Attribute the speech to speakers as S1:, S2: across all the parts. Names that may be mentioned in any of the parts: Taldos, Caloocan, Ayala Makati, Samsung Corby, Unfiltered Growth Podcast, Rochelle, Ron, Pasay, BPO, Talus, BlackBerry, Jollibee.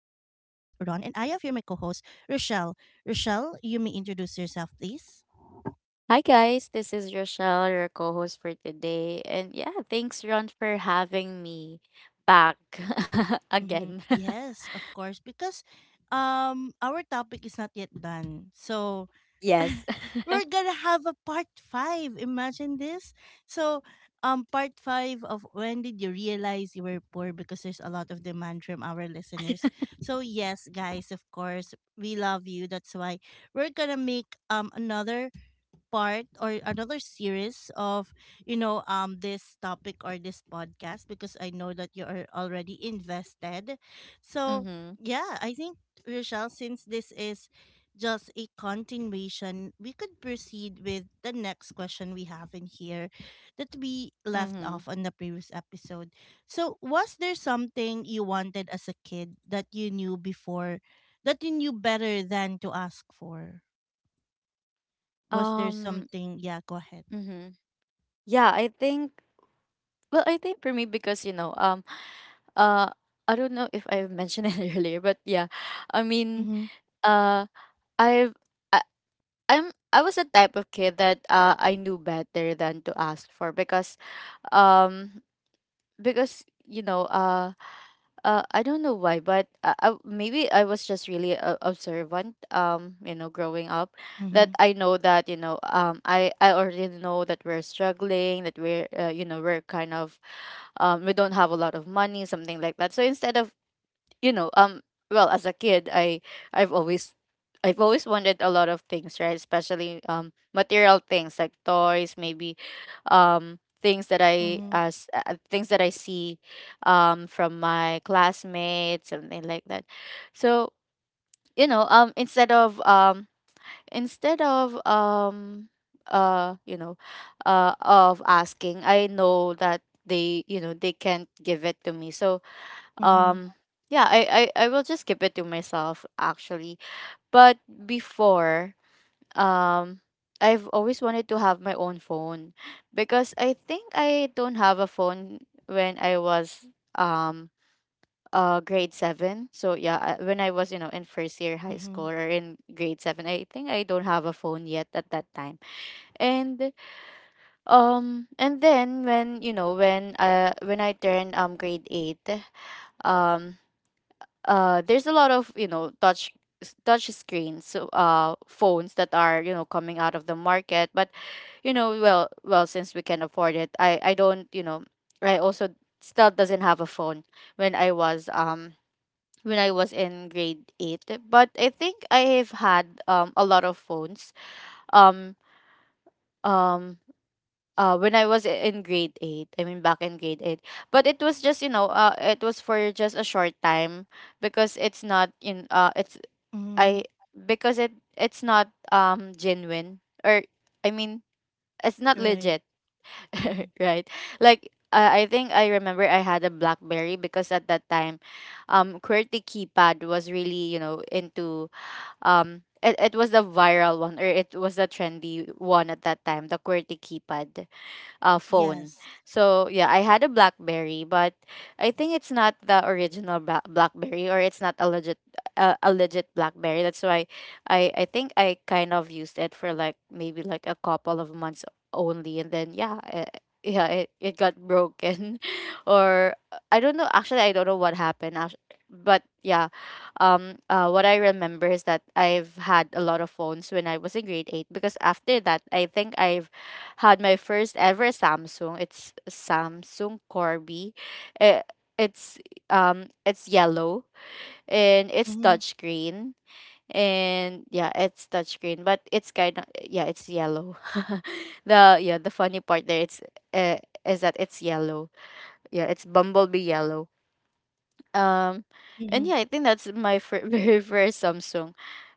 S1: Ron, and I have here my co host, Rochelle. Rochelle, you may introduce yourself, please.
S2: Hi guys, this is Rochelle, your co-host for today. And yeah, thanks Ron for having me back
S1: Mm-hmm.
S2: again.
S1: Yes, of course, because our topic is not yet done. So,
S2: Yes.
S1: we're gonna have a part five. Imagine this. So, part five of when did you realize you were poor? Because there's a lot of demand from our listeners. So yes, guys, of course, we love you. That's why we're gonna make another part or another series of this topic or this podcast because I know that you are already invested. So
S2: Mhm.
S1: yeah, I think Rochelle, since this is just a continuation, we could proceed with the next question we have in here that we left
S2: Mhm.
S1: off on the previous episode. So, was there something you wanted as a kid that you knew before, that you knew better than to ask for? Was there
S2: Um
S1: something? Yeah, go ahead.
S2: mhm. Yeah, I think, well, I think for me, because you know, uh I don't know if I mentioned it earlier, but yeah. I mean,
S1: Mhm.
S2: uh I've I, I'm I was a type of kid that I knew better than to ask for, because um because you know, I don't know why, but maybe I was just really, observant. You know, growing up, that
S1: Mhm.
S2: I know that, you know, I already know that we're struggling, that we're, you know, we're kind of. We don't have a lot of money, something like that. So instead of, you know um well, as a kid, i've always I've always wanted a lot of things, right? Especially, material things, like toys, maybe, things that I
S1: Mhm.
S2: as things that I see, from my classmates, something like that. So, you know, instead of you know of asking, I know that they, you know, they can't give it to me, so,
S1: Mhm.
S2: um yeah, I will just keep it to myself, actually. But before, um I've always wanted to have my own phone, because I think I don't have a phone when I was, um grade 7. So yeah, when I was, you know, in first year high
S1: Mhm.
S2: school, or in grade 7, I think I don't have a phone yet at that time. And then, when, you know, when I turned, grade 8, um there's a lot of, you know, touch screens, so, phones that are, you know, coming out of the market. But, you know, well, since we can afford it, I don't, you know, I also still doesn't have a phone when I was, in grade 8. But I think I have had, a lot of phones, um um when I was, in grade 8, I mean, back in grade 8. But it was just, you know, it was for just a short time, because it's not in it's
S1: Mhm.
S2: I because it's not, genuine, or I mean, it's not
S1: Right.
S2: legit,
S1: Mhm.
S2: right? Like, I think I remember I had a BlackBerry because at that time, QWERTY keypad was really, you know, into it was the viral one, or it was the trendy one at that time, the QWERTY keypad, phone.
S1: Yes.
S2: So yeah, I had a BlackBerry, but I think it's not the original, BlackBerry, or it's not a legit, a legit BlackBerry. That's why I think I kind of used it for, like, maybe like a couple of months only, and then, yeah, it got broken or I don't know, actually I don't know what happened, but yeah. What I remember is that I've had a lot of phones when I was in grade 8, because after that I think I've had my first ever Samsung. It's Samsung Corby. Eh, it's it's yellow, and it's
S1: Mhm.
S2: touchscreen. And yeah, it's touchscreen, but it's kind of, yeah, it's yellow the, yeah, the funny part there, it's uh, is that it's yellow. Yeah, it's bumblebee yellow. um, and
S1: Mhm.
S2: yeah, I think that's my, very first Samsung,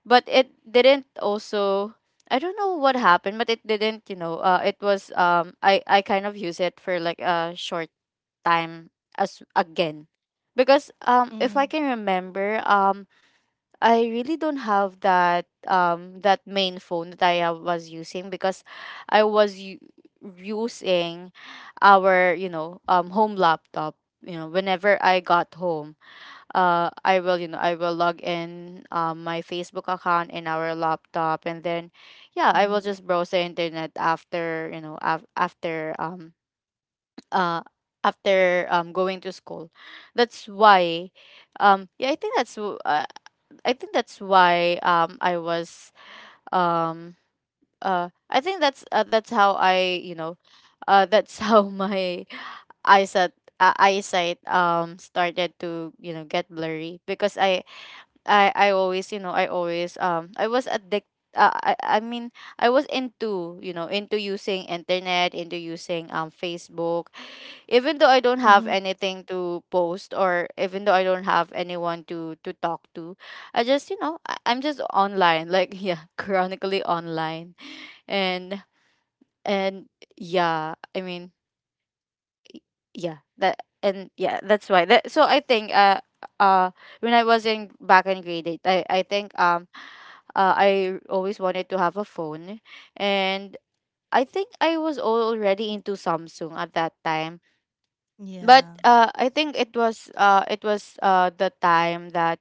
S2: but it didn't also. I don't know what happened, but it didn't. You know, it was, I kind of use it for, like, a short time, as again, because, if I
S1: Mhm.
S2: can remember, I really don't have that, that main phone that I, was using, because I was, using our, you know, home laptop. You know, whenever I got home, I will, you know, I will log in, my Facebook account in our laptop, and then yeah, I will
S1: Mhm.
S2: just browse the internet, after, you know, uh after, going to school. That's why, yeah, I think that's, I think that's why, um I think that's, that's how I, you know, that's how my eyesight, started to, you know, get blurry, because I always, you know, I always, I mean, I was into, you know, into using internet, into using, Facebook, even though I don't have
S1: Mhm.
S2: anything to post, or even though I don't have anyone to talk to. I just, you know, I'm just online, like, yeah, chronically online. And and yeah, I mean, yeah, that, and yeah, that's why that. So I think, uh when I was, in back in grade 8, I think, I always wanted to have a phone. And I think I was already into Samsung at that time. But,
S1: Yeah.
S2: I think it was, the time that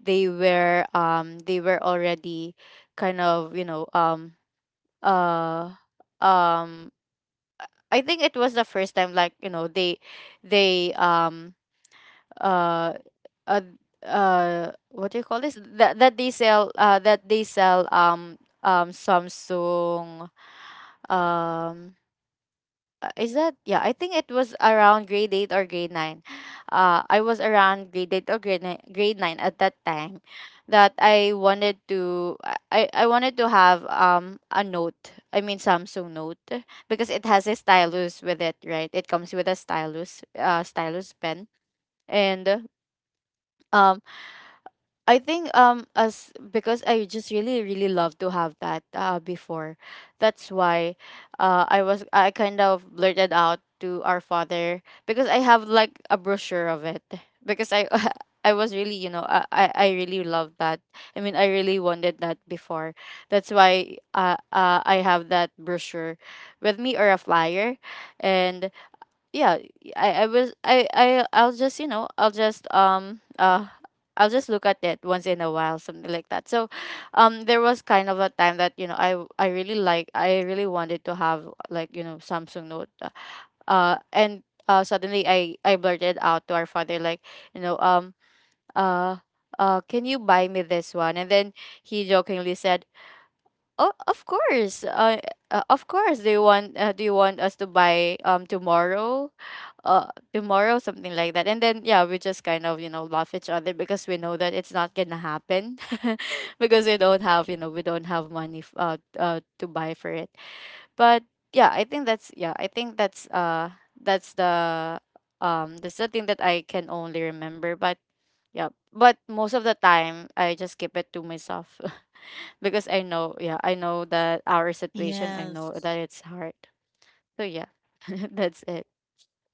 S2: they were, they were already, kind of, you know, uh um I think it was the first time, like, you know, they uh uh what do you call this, that they sell, Samsung, um is that, yeah, I think it was around grade 8 or grade 9. I was around grade 8 or grade 9, grade 9 at that time, that I wanted to, I wanted to have, a note, I mean, Samsung note, because it has a stylus with it, right? It comes with a stylus, stylus pen. And, um I think, as because I just really, really love to have that, before, that's why, I kind of blurted out to our father, because I have, like, a brochure of it. Because I I was really, you know, I really loved that, I mean, I really wanted that before. That's why, I have that brochure with me, or a flyer, and yeah, I'll just, you know, I'll just look at it once in a while, something like that. So, there was kind of a time that, you know, I really wanted to have, like, you know, Samsung note. And Suddenly, I blurted out to our father, like, you know, uh can you buy me this one? And then he jokingly said, oh, of course, of course, do you want, do you want us to buy, tomorrow, tomorrow, something like that. And then yeah, we just kind of, you know, laugh each other, because we know that it's not gonna happen because we don't have, you know, we don't have money, to buy for it. But yeah, I think that's, that's the, that's the thing that I can only remember. But yeah, but most of the time I just keep it to myself because I know, yeah, I know that our situation, I know
S1: Yes.
S2: that it's hard. So yeah, that's it.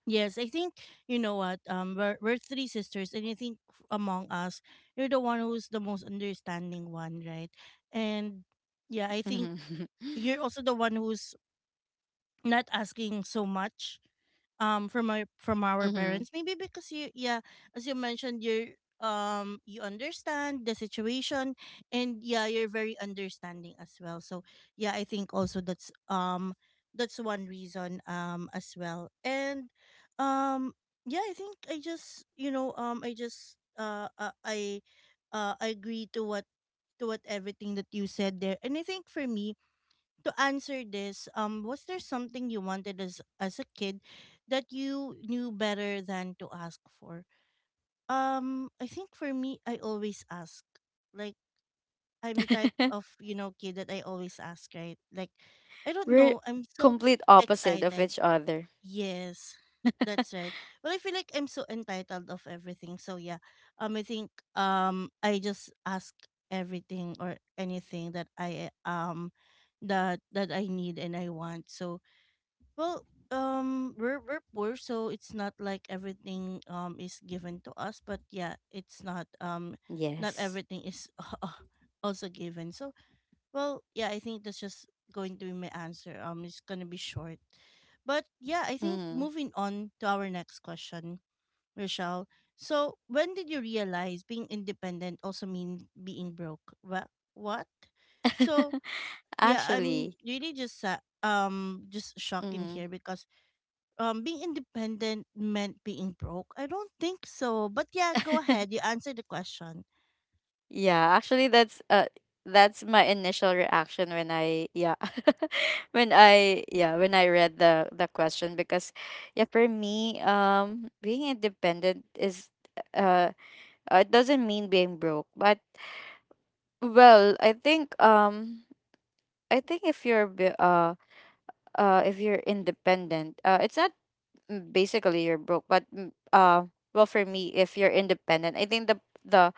S1: Yes, I think you know what. We're three sisters, and I think among us, you're the one who's the most understanding one, right? And yeah, I
S2: Hmm.
S1: think you're also the one who's not asking so much from my from our parents maybe because you, yeah, as you mentioned, you understand the situation. And yeah, you're very understanding as well. So yeah, I think also that's one reason as well. And um yeah, I think I just you know I just I agree to what everything that you said there. And I think for me to answer this, was there something you wanted as a kid that you knew better than to ask for? I think for me, I always ask. Like, I'm the type of kid that I always ask, right? Like, I don't
S2: We're
S1: know, I'm so
S2: complete opposite of
S1: excited.
S2: each other.
S1: Yes, that's right. Well, I feel like I'm so entitled of everything. So yeah, I think, I just ask everything or anything that I that that I need and I want. So, well, we're poor, so it's not like everything is given to us. But yeah, it's not, not
S2: Yes.
S1: everything is also given. So, well, yeah, I think that's just going to be my answer. It's gonna be short, but yeah, I think
S2: Mm.
S1: moving on to our next question, Rochelle. So, when did you realize being independent also mean being broke? What? What? So, yeah, I'm
S2: Actually.
S1: really just shocked in
S2: Mm.
S1: here because being independent meant being broke. I don't think so, but yeah, go ahead. You answer the question.
S2: Yeah, actually, that's, that's my initial reaction when, I yeah when I, yeah, when I read the question, because, yeah, for me, being independent is, uh it doesn't mean being broke. But, well, I think, I think, if you're, if you're independent, it's not, mm, basically you're broke. But, mm, well, for me, if you're independent, I think the, the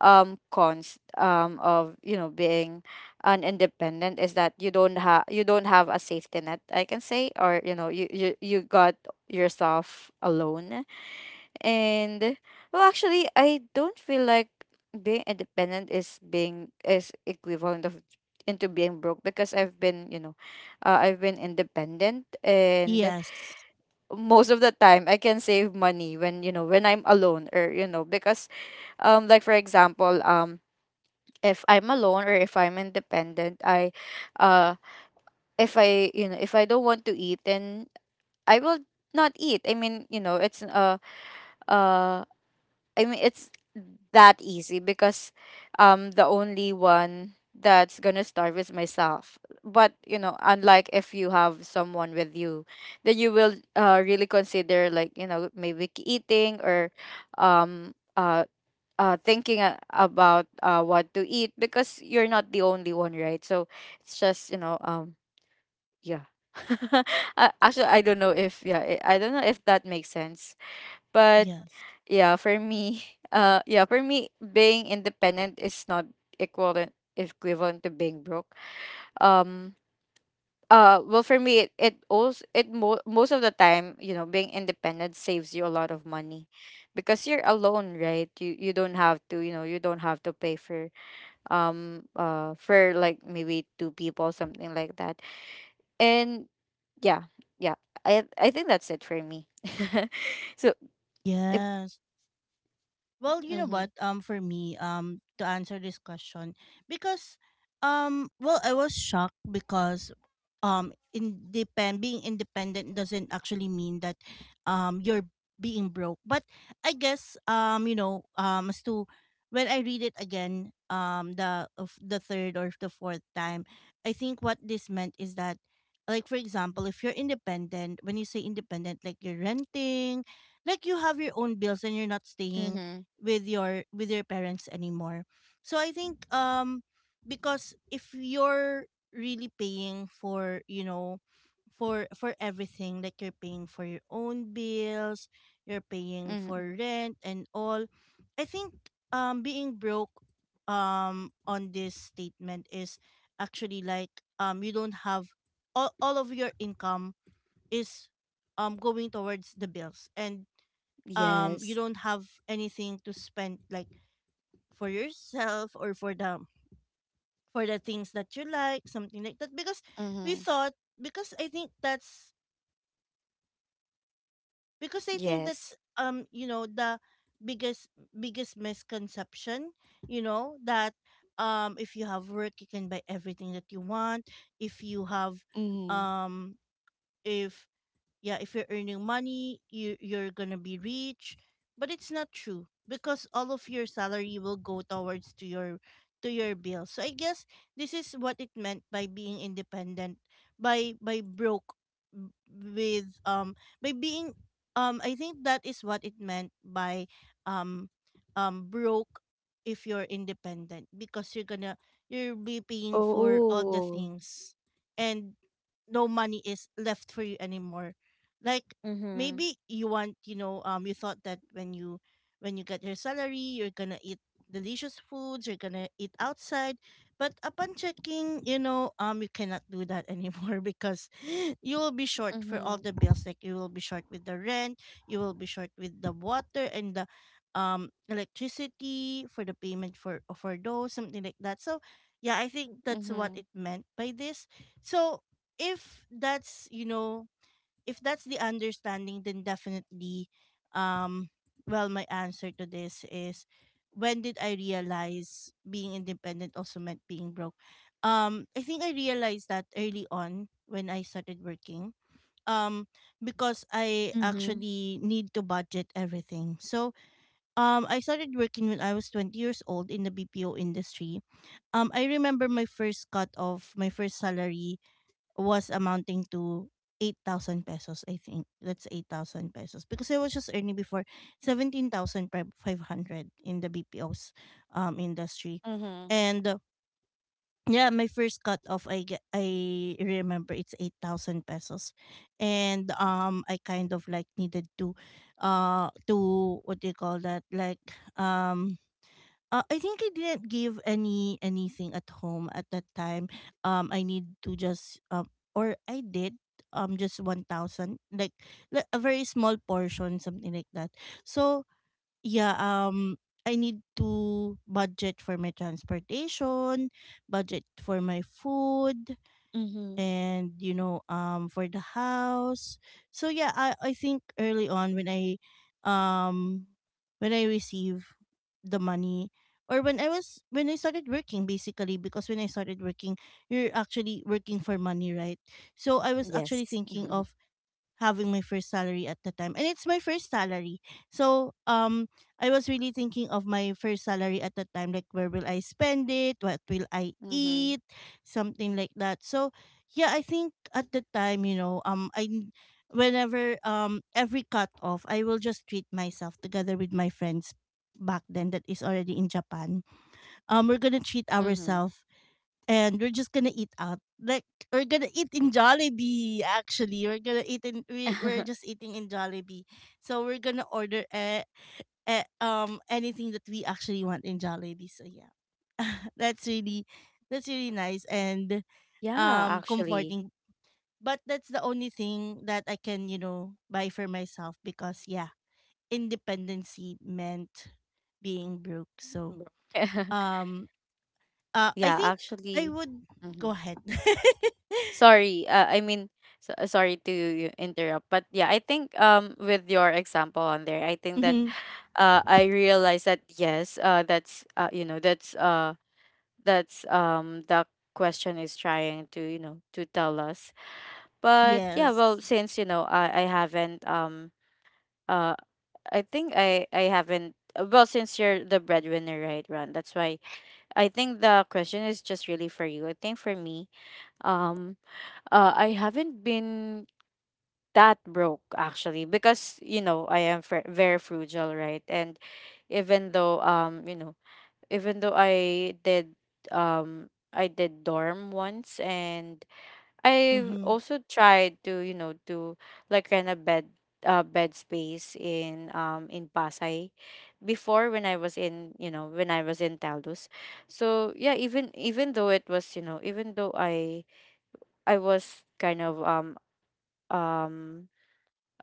S2: cons, of, you know, being an independent, is that you don't have, a safety net, I can say. Or, you know, you got yourself alone. And, well, actually, I don't feel like being independent is, being is equivalent of, into being broke. Because I've been, you know, I've been independent, and
S1: Yes.
S2: most of the time I can save money, when, you know, when I'm alone, or, you know, because, like, for example, if I'm alone or if I'm independent, I uh if I you know, if I don't want to eat, then I will not eat. I mean, you know, it's, uh I mean, it's that easy, because, the only one that's gonna starve is myself. But you know, unlike if you have someone with you, then you will, really consider, like, you know, maybe eating, or um uh. Thinking about what to eat because you're not the only one, right? So it's just yeah. Actually, I don't know if that makes sense, but
S1: Yes.
S2: yeah, for me, yeah, for me, being independent is not equivalent equivalent to being broke. Um, well, for me, it also most of the time, you know, being independent saves you a lot of money because you're alone, right? You don't have to, you know, you don't have to pay for like maybe two people, something like that, and yeah, yeah, I think that's it for me. So if.
S1: Yes. Well, you know
S2: Mm-hmm.
S1: what? For me, to answer this question, because, well, I was shocked because, independ being independent doesn't actually mean that, you're being broke. But I guess, as to when I read it again, the third or the fourth time, I think what this meant is that, like for example, if you're independent, when you say independent, like you're renting, like you have your own bills and you're not staying
S2: Mm-hmm.
S1: with your parents anymore. So I think because if you're really paying for everything, like you're paying for your own bills, you're paying for
S2: Mm-mm.
S1: rent and all, I think being broke on this statement is actually like, you don't have all of your income is going towards the bills and you
S2: Yes.
S1: don't have anything to spend like for yourself or for the things that you like, something like that. Because
S2: Mm-hmm.
S1: we thought because I think that's because I think
S2: Yes.
S1: that's the biggest biggest misconception, that if you have work you can buy everything that you want. If you have
S2: Mm-hmm.
S1: um if yeah, if you're earning money, you're gonna be rich, but it's not true because all of your salary will go towards to your bills. So I guess this is what it meant by being independent, by broke, with by being, I think that is what it meant by um broke. If you're independent, because you'll be paying for all the
S2: Oh.
S1: things and no money is left for you anymore. Like,
S2: Mm-hmm.
S1: maybe you want, you thought that when you get your salary you're gonna eat delicious foods, you're gonna eat outside, but upon checking, you cannot do that anymore because you will be short for all
S2: Mm-hmm.
S1: the bills. Like, you will be short with the rent, you will be short with the water and the electricity, for the payment for those, something like that. So yeah, I think that's what
S2: Mm-hmm.
S1: it meant by this. So if that's, the understanding, then definitely, um, well, my answer to this is, when did I realize being independent also meant being broke? I think I realized that early on when I started working. Um, because I
S2: Mm-hmm.
S1: actually need to budget everything. So, I started working when I was 20 years old in the BPO industry. I remember my first cut of my first salary was amounting to 8,000 pesos, I think. That's 8,000 pesos. Because I was just earning before 17,500 in the BPO's, industry.
S2: Mm-hmm.
S1: And yeah, my first cut off, I remember it's 8,000 pesos. And I kind of like needed to what do you call that? Like, um, I think I didn't give anything at home at that time. I need to just, or I did just 1,000, like a very small portion, something like that. So yeah, I need to budget for my transportation, budget for my food,
S2: Mm-hmm.
S1: and for the house. So yeah, I think early on when um I receive the money, or when I started working, basically, because when I started working, you're actually working for money, right? So I was actually
S2: Yes.
S1: thinking of having my first salary at the time, and it's my first salary. So I was really thinking of my first salary at the time, like where will I spend it, what will I
S2: Mm-hmm.
S1: eat, something like that. So yeah, I think at the time, you know I whenever, every cut off, I will just treat myself together with my friends back then, that is already in Japan. We're gonna treat
S2: Mm-hmm.
S1: ourselves, and we're just gonna eat out. Like, we're gonna eat in Jollibee. Actually, we're gonna eat in we we're just eating in Jollibee. So we're gonna order, anything that we actually want in Jollibee. So yeah, that's really that's really nice and
S2: Yeah, actually.
S1: comforting. But that's the only thing that I can, buy for myself, because yeah, independency meant being broke. So
S2: Bro.
S1: um I
S2: Yeah,
S1: think I
S2: actually.
S1: would,
S2: Mm-hmm.
S1: go ahead.
S2: Sorry. I mean, so, sorry to interrupt, but yeah, I think with your example on there, I think that I realized that yes, that's that's the question is trying to, you know, to tell us. But yeah,
S1: Yes.
S2: well, since you know I haven't uh I think I haven't well, since you're the breadwinner, right, Ron? That's why I think the question is just really for you. I think for me, um I haven't been that broke, actually, because you know I am very frugal, right? And even though you know, even though um I did dorm once. And I
S1: Mm-hmm.
S2: also tried to you know to like rent a bed space in Pasay before when I was in you know when I was in Taldos. So yeah, even even though it was you know, even though I was kind of um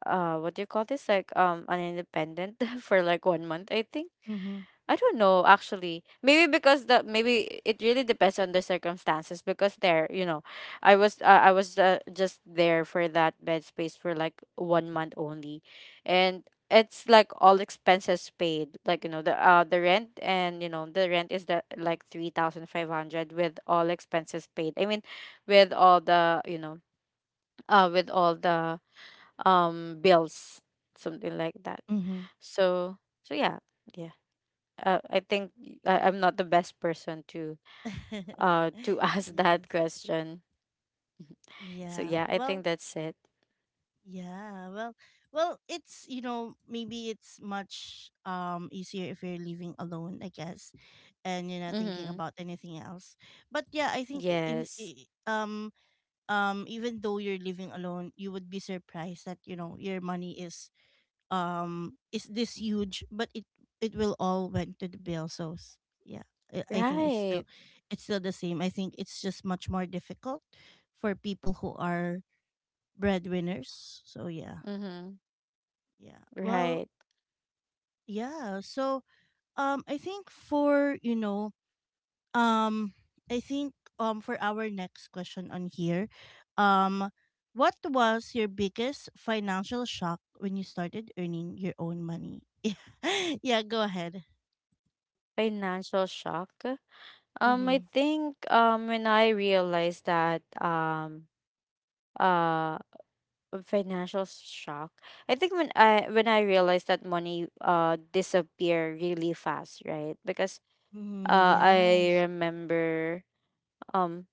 S2: what do you call this, like an independent for like 1 month, I think.
S1: Mm-hmm.
S2: I don't know actually. Maybe because the maybe it really depends on the circumstances because there, you know, I was just there for that bed space for like 1 month only. And it's like all expenses paid, like you know, the rent and you know, the rent is the like 3,500 with all expenses paid. I mean, with all the, you know, with all the bills, something like that.
S1: Mm-hmm.
S2: So, so yeah. Yeah, I think I am not the best person to ask that
S1: Yes.
S2: question. So
S1: Yeah.
S2: yeah, I
S1: Well,
S2: think that's it.
S1: yeah. well, it's, maybe it's much easier if you're living alone, I guess, and you're not thinking
S2: Mm-hmm.
S1: about anything else. But yeah, I think,
S2: Yes.
S1: even though you're living alone, you would be surprised that, your money is this huge, but it will all went to the bill. So, yeah, I think it's
S2: Right.
S1: still it's still the same. I think it's just much more difficult for people who are breadwinners. So yeah,
S2: Mm-hmm.
S1: yeah, well,
S2: Right.
S1: yeah, so I think for, um I think, for our next question on here, um what was your biggest financial shock when you started earning your own money? Yeah, go ahead.
S2: Financial shock. I
S1: Mm-hmm.
S2: think when I realized that uh financial shock, I think when I realized that money disappear really fast, right? Because
S1: Mm-hmm.
S2: I
S1: Yes.
S2: remember um,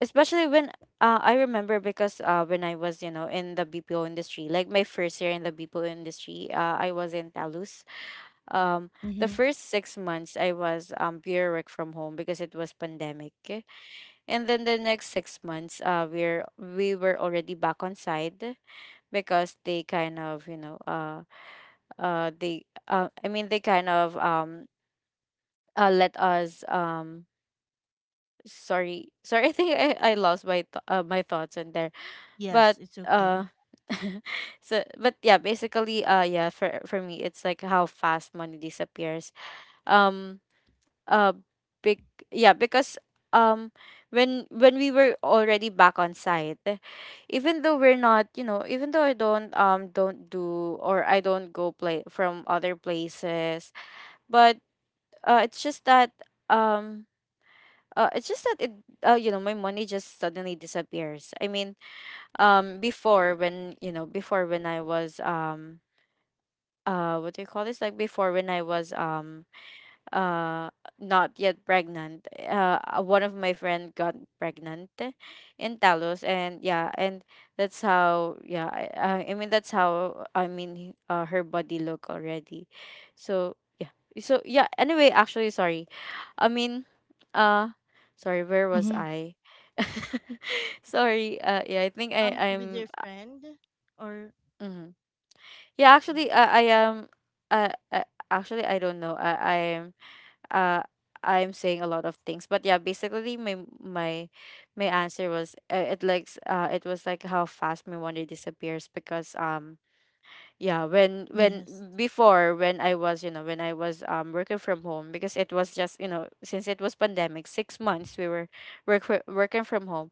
S2: especially when I remember because when I was you know in the BPO industry, like my first year in the BPO industry, I was in Talus. Um, the
S1: Mm-hmm.
S2: first 6 months I was pure work from home because it was pandemic, and then the next 6 months we were already back on site because they kind of you know they I mean they kind of let us sorry, sorry I think I lost my my thoughts in there.
S1: Yes,
S2: But
S1: it's okay.
S2: uh so but yeah, basically yeah, for me it's like how fast money disappears. Um uh Big, yeah, because um when we were already back on site, even though we're not, you know, even though I don't do or I don't go play from other places, but uh it's just that um it's just that it you know, my money just suddenly disappears. I mean, before when you know before when I was what do you call this, like, before when I was uh not yet pregnant one of my friend got pregnant in talos and yeah and that's how that's how I mean her body look already, so yeah. So yeah, anyway, actually sorry, I mean uh sorry where was
S1: Mm-hmm.
S2: i? Sorry, yeah, I think I
S1: With
S2: I'm
S1: your friend, or
S2: mhm. Yeah,
S1: yeah.
S2: actually, I am. Uh, uh, Actually, I don't know. I am. Uh, I'm saying a lot of things, but yeah, basically, my my answer was it likes it was like how fast my wonder disappears because yeah when
S1: Yes.
S2: before when I was you know when I was working from home because it was just you know since it was pandemic 6 months we were working from home.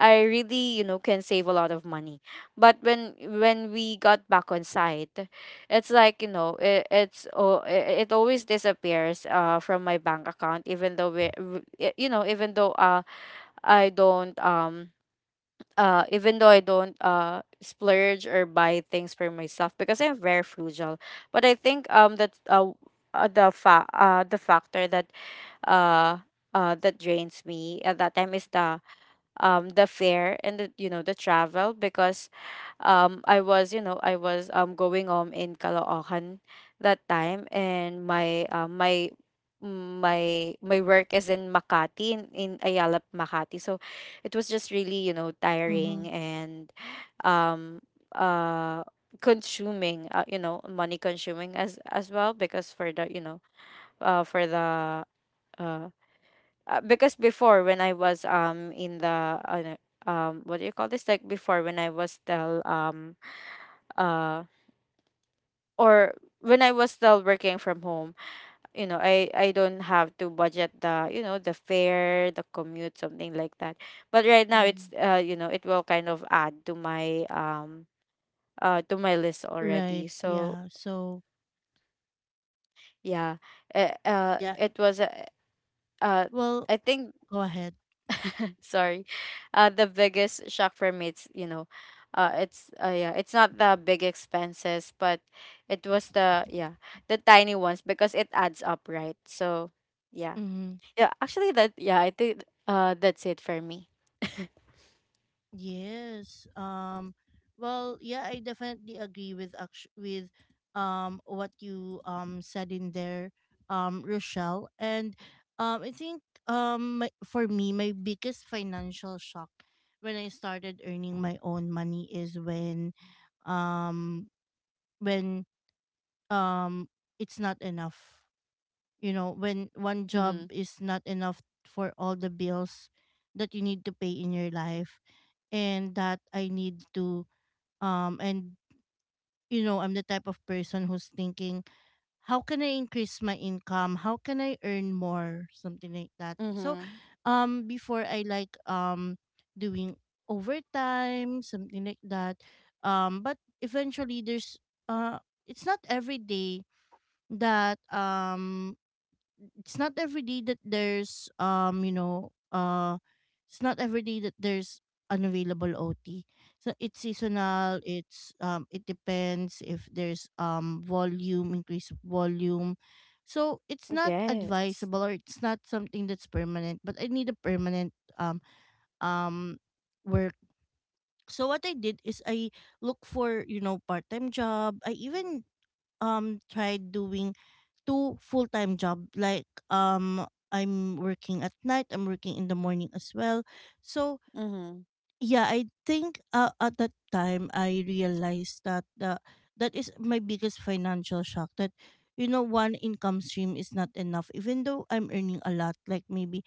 S2: I really, you know, can save a lot of money. But when we got back on site, it's like, you know, it's oh, it always disappears from my bank account, even though you know, even though I don't even though I don't splurge or buy things for myself because I'm very frugal. But I think that the the factor that uh that drains me at that time is the fare and the you know the travel because I was you know I was going home in Caloocan that time and my work is in Makati, in Ayala Makati, so it was just really you know tiring
S1: Mm-hmm.
S2: and um uh consuming, you know, money consuming as well because for the you know for the uh because before when I was in the no, what do you call this, like before when I was still uh or when I was still working from home, you know, I don't have to budget the you know the fare the commute, something like that. But right now
S1: Mm-hmm.
S2: it's you know it will kind of add to my list
S1: Right.
S2: already, so
S1: Yeah. So, well, I
S2: yeah,
S1: think, yeah,
S2: it was
S1: it's
S2: a uh
S1: well,
S2: I think
S1: go ahead.
S2: sorry, the biggest shock for me it's you know it's yeah it's not the big expenses, but it was the yeah the tiny ones, because it adds up, right? So yeah,
S1: Mm-hmm.
S2: yeah, actually, that, yeah I think that's it for me.
S1: Yes. Well, yeah, I definitely agree with, what you said in there, Rochelle. And I think my, for me my biggest financial shock when I started earning my own money is um when um it's not enough. You know, when one job
S2: Mm-hmm.
S1: is not enough for all the bills that you need to pay in your life, and that I need to and you know, I'm the type of person who's thinking how can I increase my income, how can I earn more, something like that. So
S2: Mm-hmm.
S1: before I like doing overtime, something like that. But eventually there's uh it's not every day that it's not every day that there's you know it's not every day that there's unavailable OT. So it's seasonal. It's it depends if there's volume, increase of volume. So it's not
S2: Yes.
S1: advisable, or it's not something that's permanent. But I need a permanent um um work. So what I did is I look for, you know, part time job. I even tried doing two full-time job, like I'm working at night, I'm working in the morning as well. So
S2: Mm-hmm.
S1: yeah, I think at that time I realized that the that is my biggest financial shock, that you know, one income stream is not enough, even though I'm earning a lot, like maybe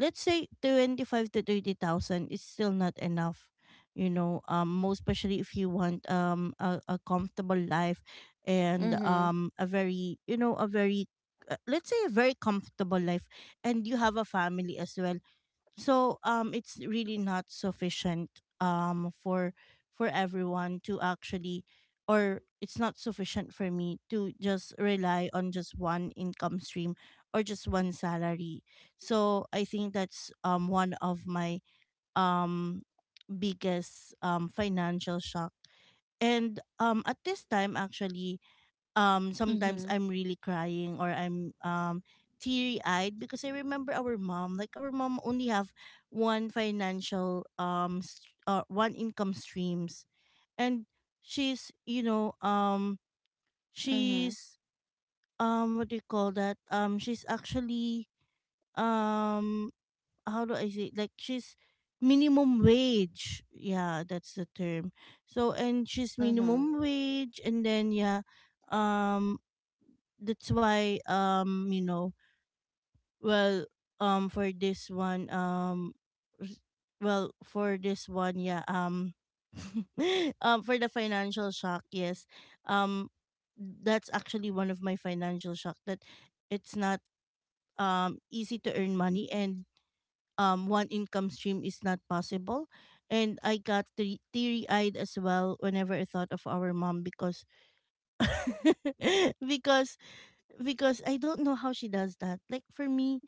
S1: let's say 25 to 30,000 is still not enough. You know, most especially if you want a comfortable life, and
S2: Mm-hmm.
S1: a very, you know, a very let's say a very comfortable life and you have a family as well. So it's really not sufficient um for for everyone to actually, or it's not sufficient for me to just rely on just one income stream or just one salary. So I think that's one of my um biggest financial shock. And at this time actually, sometimes
S2: Mm-hmm.
S1: I'm really crying or I'm teary eyed because I remember our mom. Like our mom only have one financial one income streams, and she's, you know,
S2: Mm-hmm.
S1: she's what do you call that, she's actually um how do I say it? Like she's minimum wage, yeah, that's the term. So, and she's
S2: Mm-hmm.
S1: minimum wage, and then yeah, um that's why, you know, well, for this one, s- well, for this one, yeah, for the financial shock, yes, um that's actually one of my financial shock, that it's not easy to earn money, and one income stream is not possible. And I got teary eyed as well whenever I thought of our mom because because because I don't know how she does that. Like for me,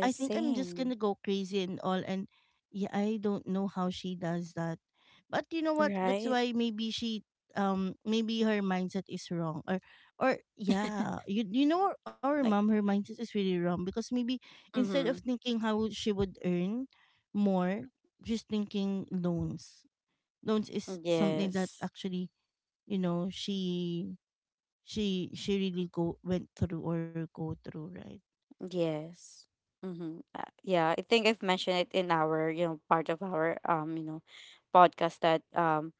S1: I think I'm just
S2: same.
S1: gonna go crazy and all. And yeah, I don't know how she does that. But you know what? That's
S2: Right.
S1: why maybe she maybe her mindset is wrong, or yeah, you know our mom,
S2: Like.
S1: her mindset is really wrong, because maybe instead of
S2: Mm-hmm.
S1: thinking how she would earn more, she's thinking loans. Loans is something that
S2: Yes.
S1: actually, you know, she really go went through, or go through, right?
S2: Yes. Mm-hmm. Yeah, I think I've mentioned it in our, you know, part of our you know, podcast that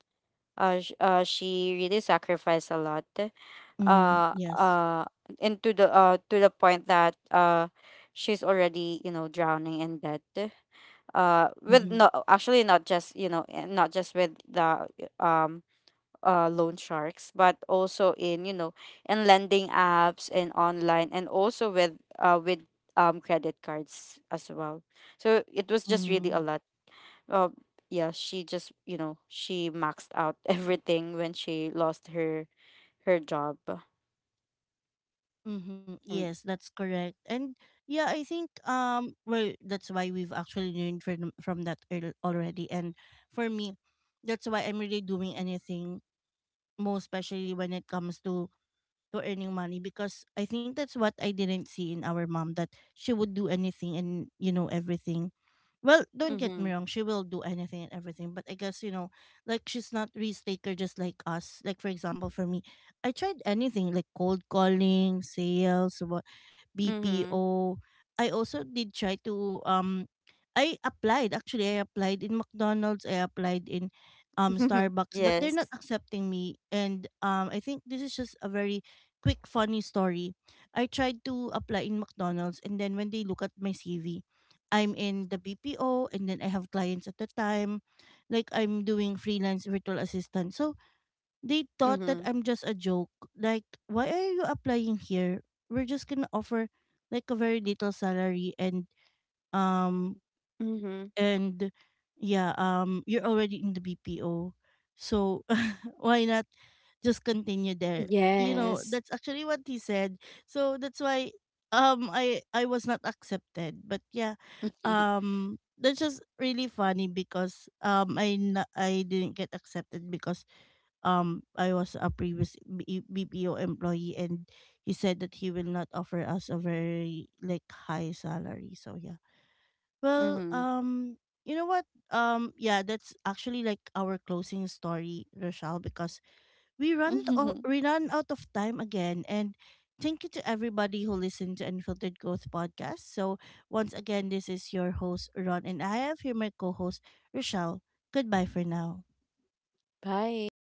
S2: she really sacrificed a lot.
S1: Mm,
S2: Uh
S1: yes.
S2: uh and to the point that she's already, you know, drowning in debt. Uh, with
S1: Mm-hmm.
S2: no, actually not just, you know, not just with the um loan sharks, but also in you know in lending apps and online, and also with credit cards as well. So it was just really
S1: Mm-hmm.
S2: a lot. Uh, yeah, she just you know she maxed out everything when she lost her her job.
S1: Mm-hmm. Yes,
S2: And
S1: that's correct. And yeah, I think well, that's why we've actually learned from that already. And for me, that's why I'm really doing anything, most especially when it comes to earning money, because I think that's what I didn't see in our mom, that she would do anything and, you know, everything. Well, don't get
S2: mm-hmm,
S1: me wrong, she will do anything and everything, but I guess, you know, like she's not risk taker just like us. Like for example, for me, I tried anything like cold calling, sales, what,
S2: mm-hmm.
S1: BPO. I also did try to I applied, actually I applied in McDonald's, I applied in Starbucks, but they're not
S2: Yes.
S1: accepting me. And I think this is just a very quick funny story. I tried to apply in McDonald's, and then when they look at my CV, I'm in the BPO, and then I have clients at the time. Like I'm doing freelance virtual assistant. So they thought that
S2: Mm-hmm.
S1: I'm just a joke. Like, why are you applying here? We're just gonna offer like a very little salary, and um
S2: Mm-hmm.
S1: and yeah, you're already in the BPO. So why not just continue there. You know,
S2: Yes.
S1: that's actually what he said. So that's why, um, I was not accepted. But yeah, that's just really funny because I didn't get accepted because I was a previous BPO employee, and he said that he will not offer us a very like high salary. So yeah, well,
S2: Mm-hmm.
S1: you know what, yeah, that's actually like our closing story, Rochelle, because
S2: Mm-hmm.
S1: we run out of time again. And thank you to everybody who listened to Unfiltered Growth Podcast. So once again, this is your host Ron, and I have here my co-host Rochelle. Goodbye for now.
S2: Bye.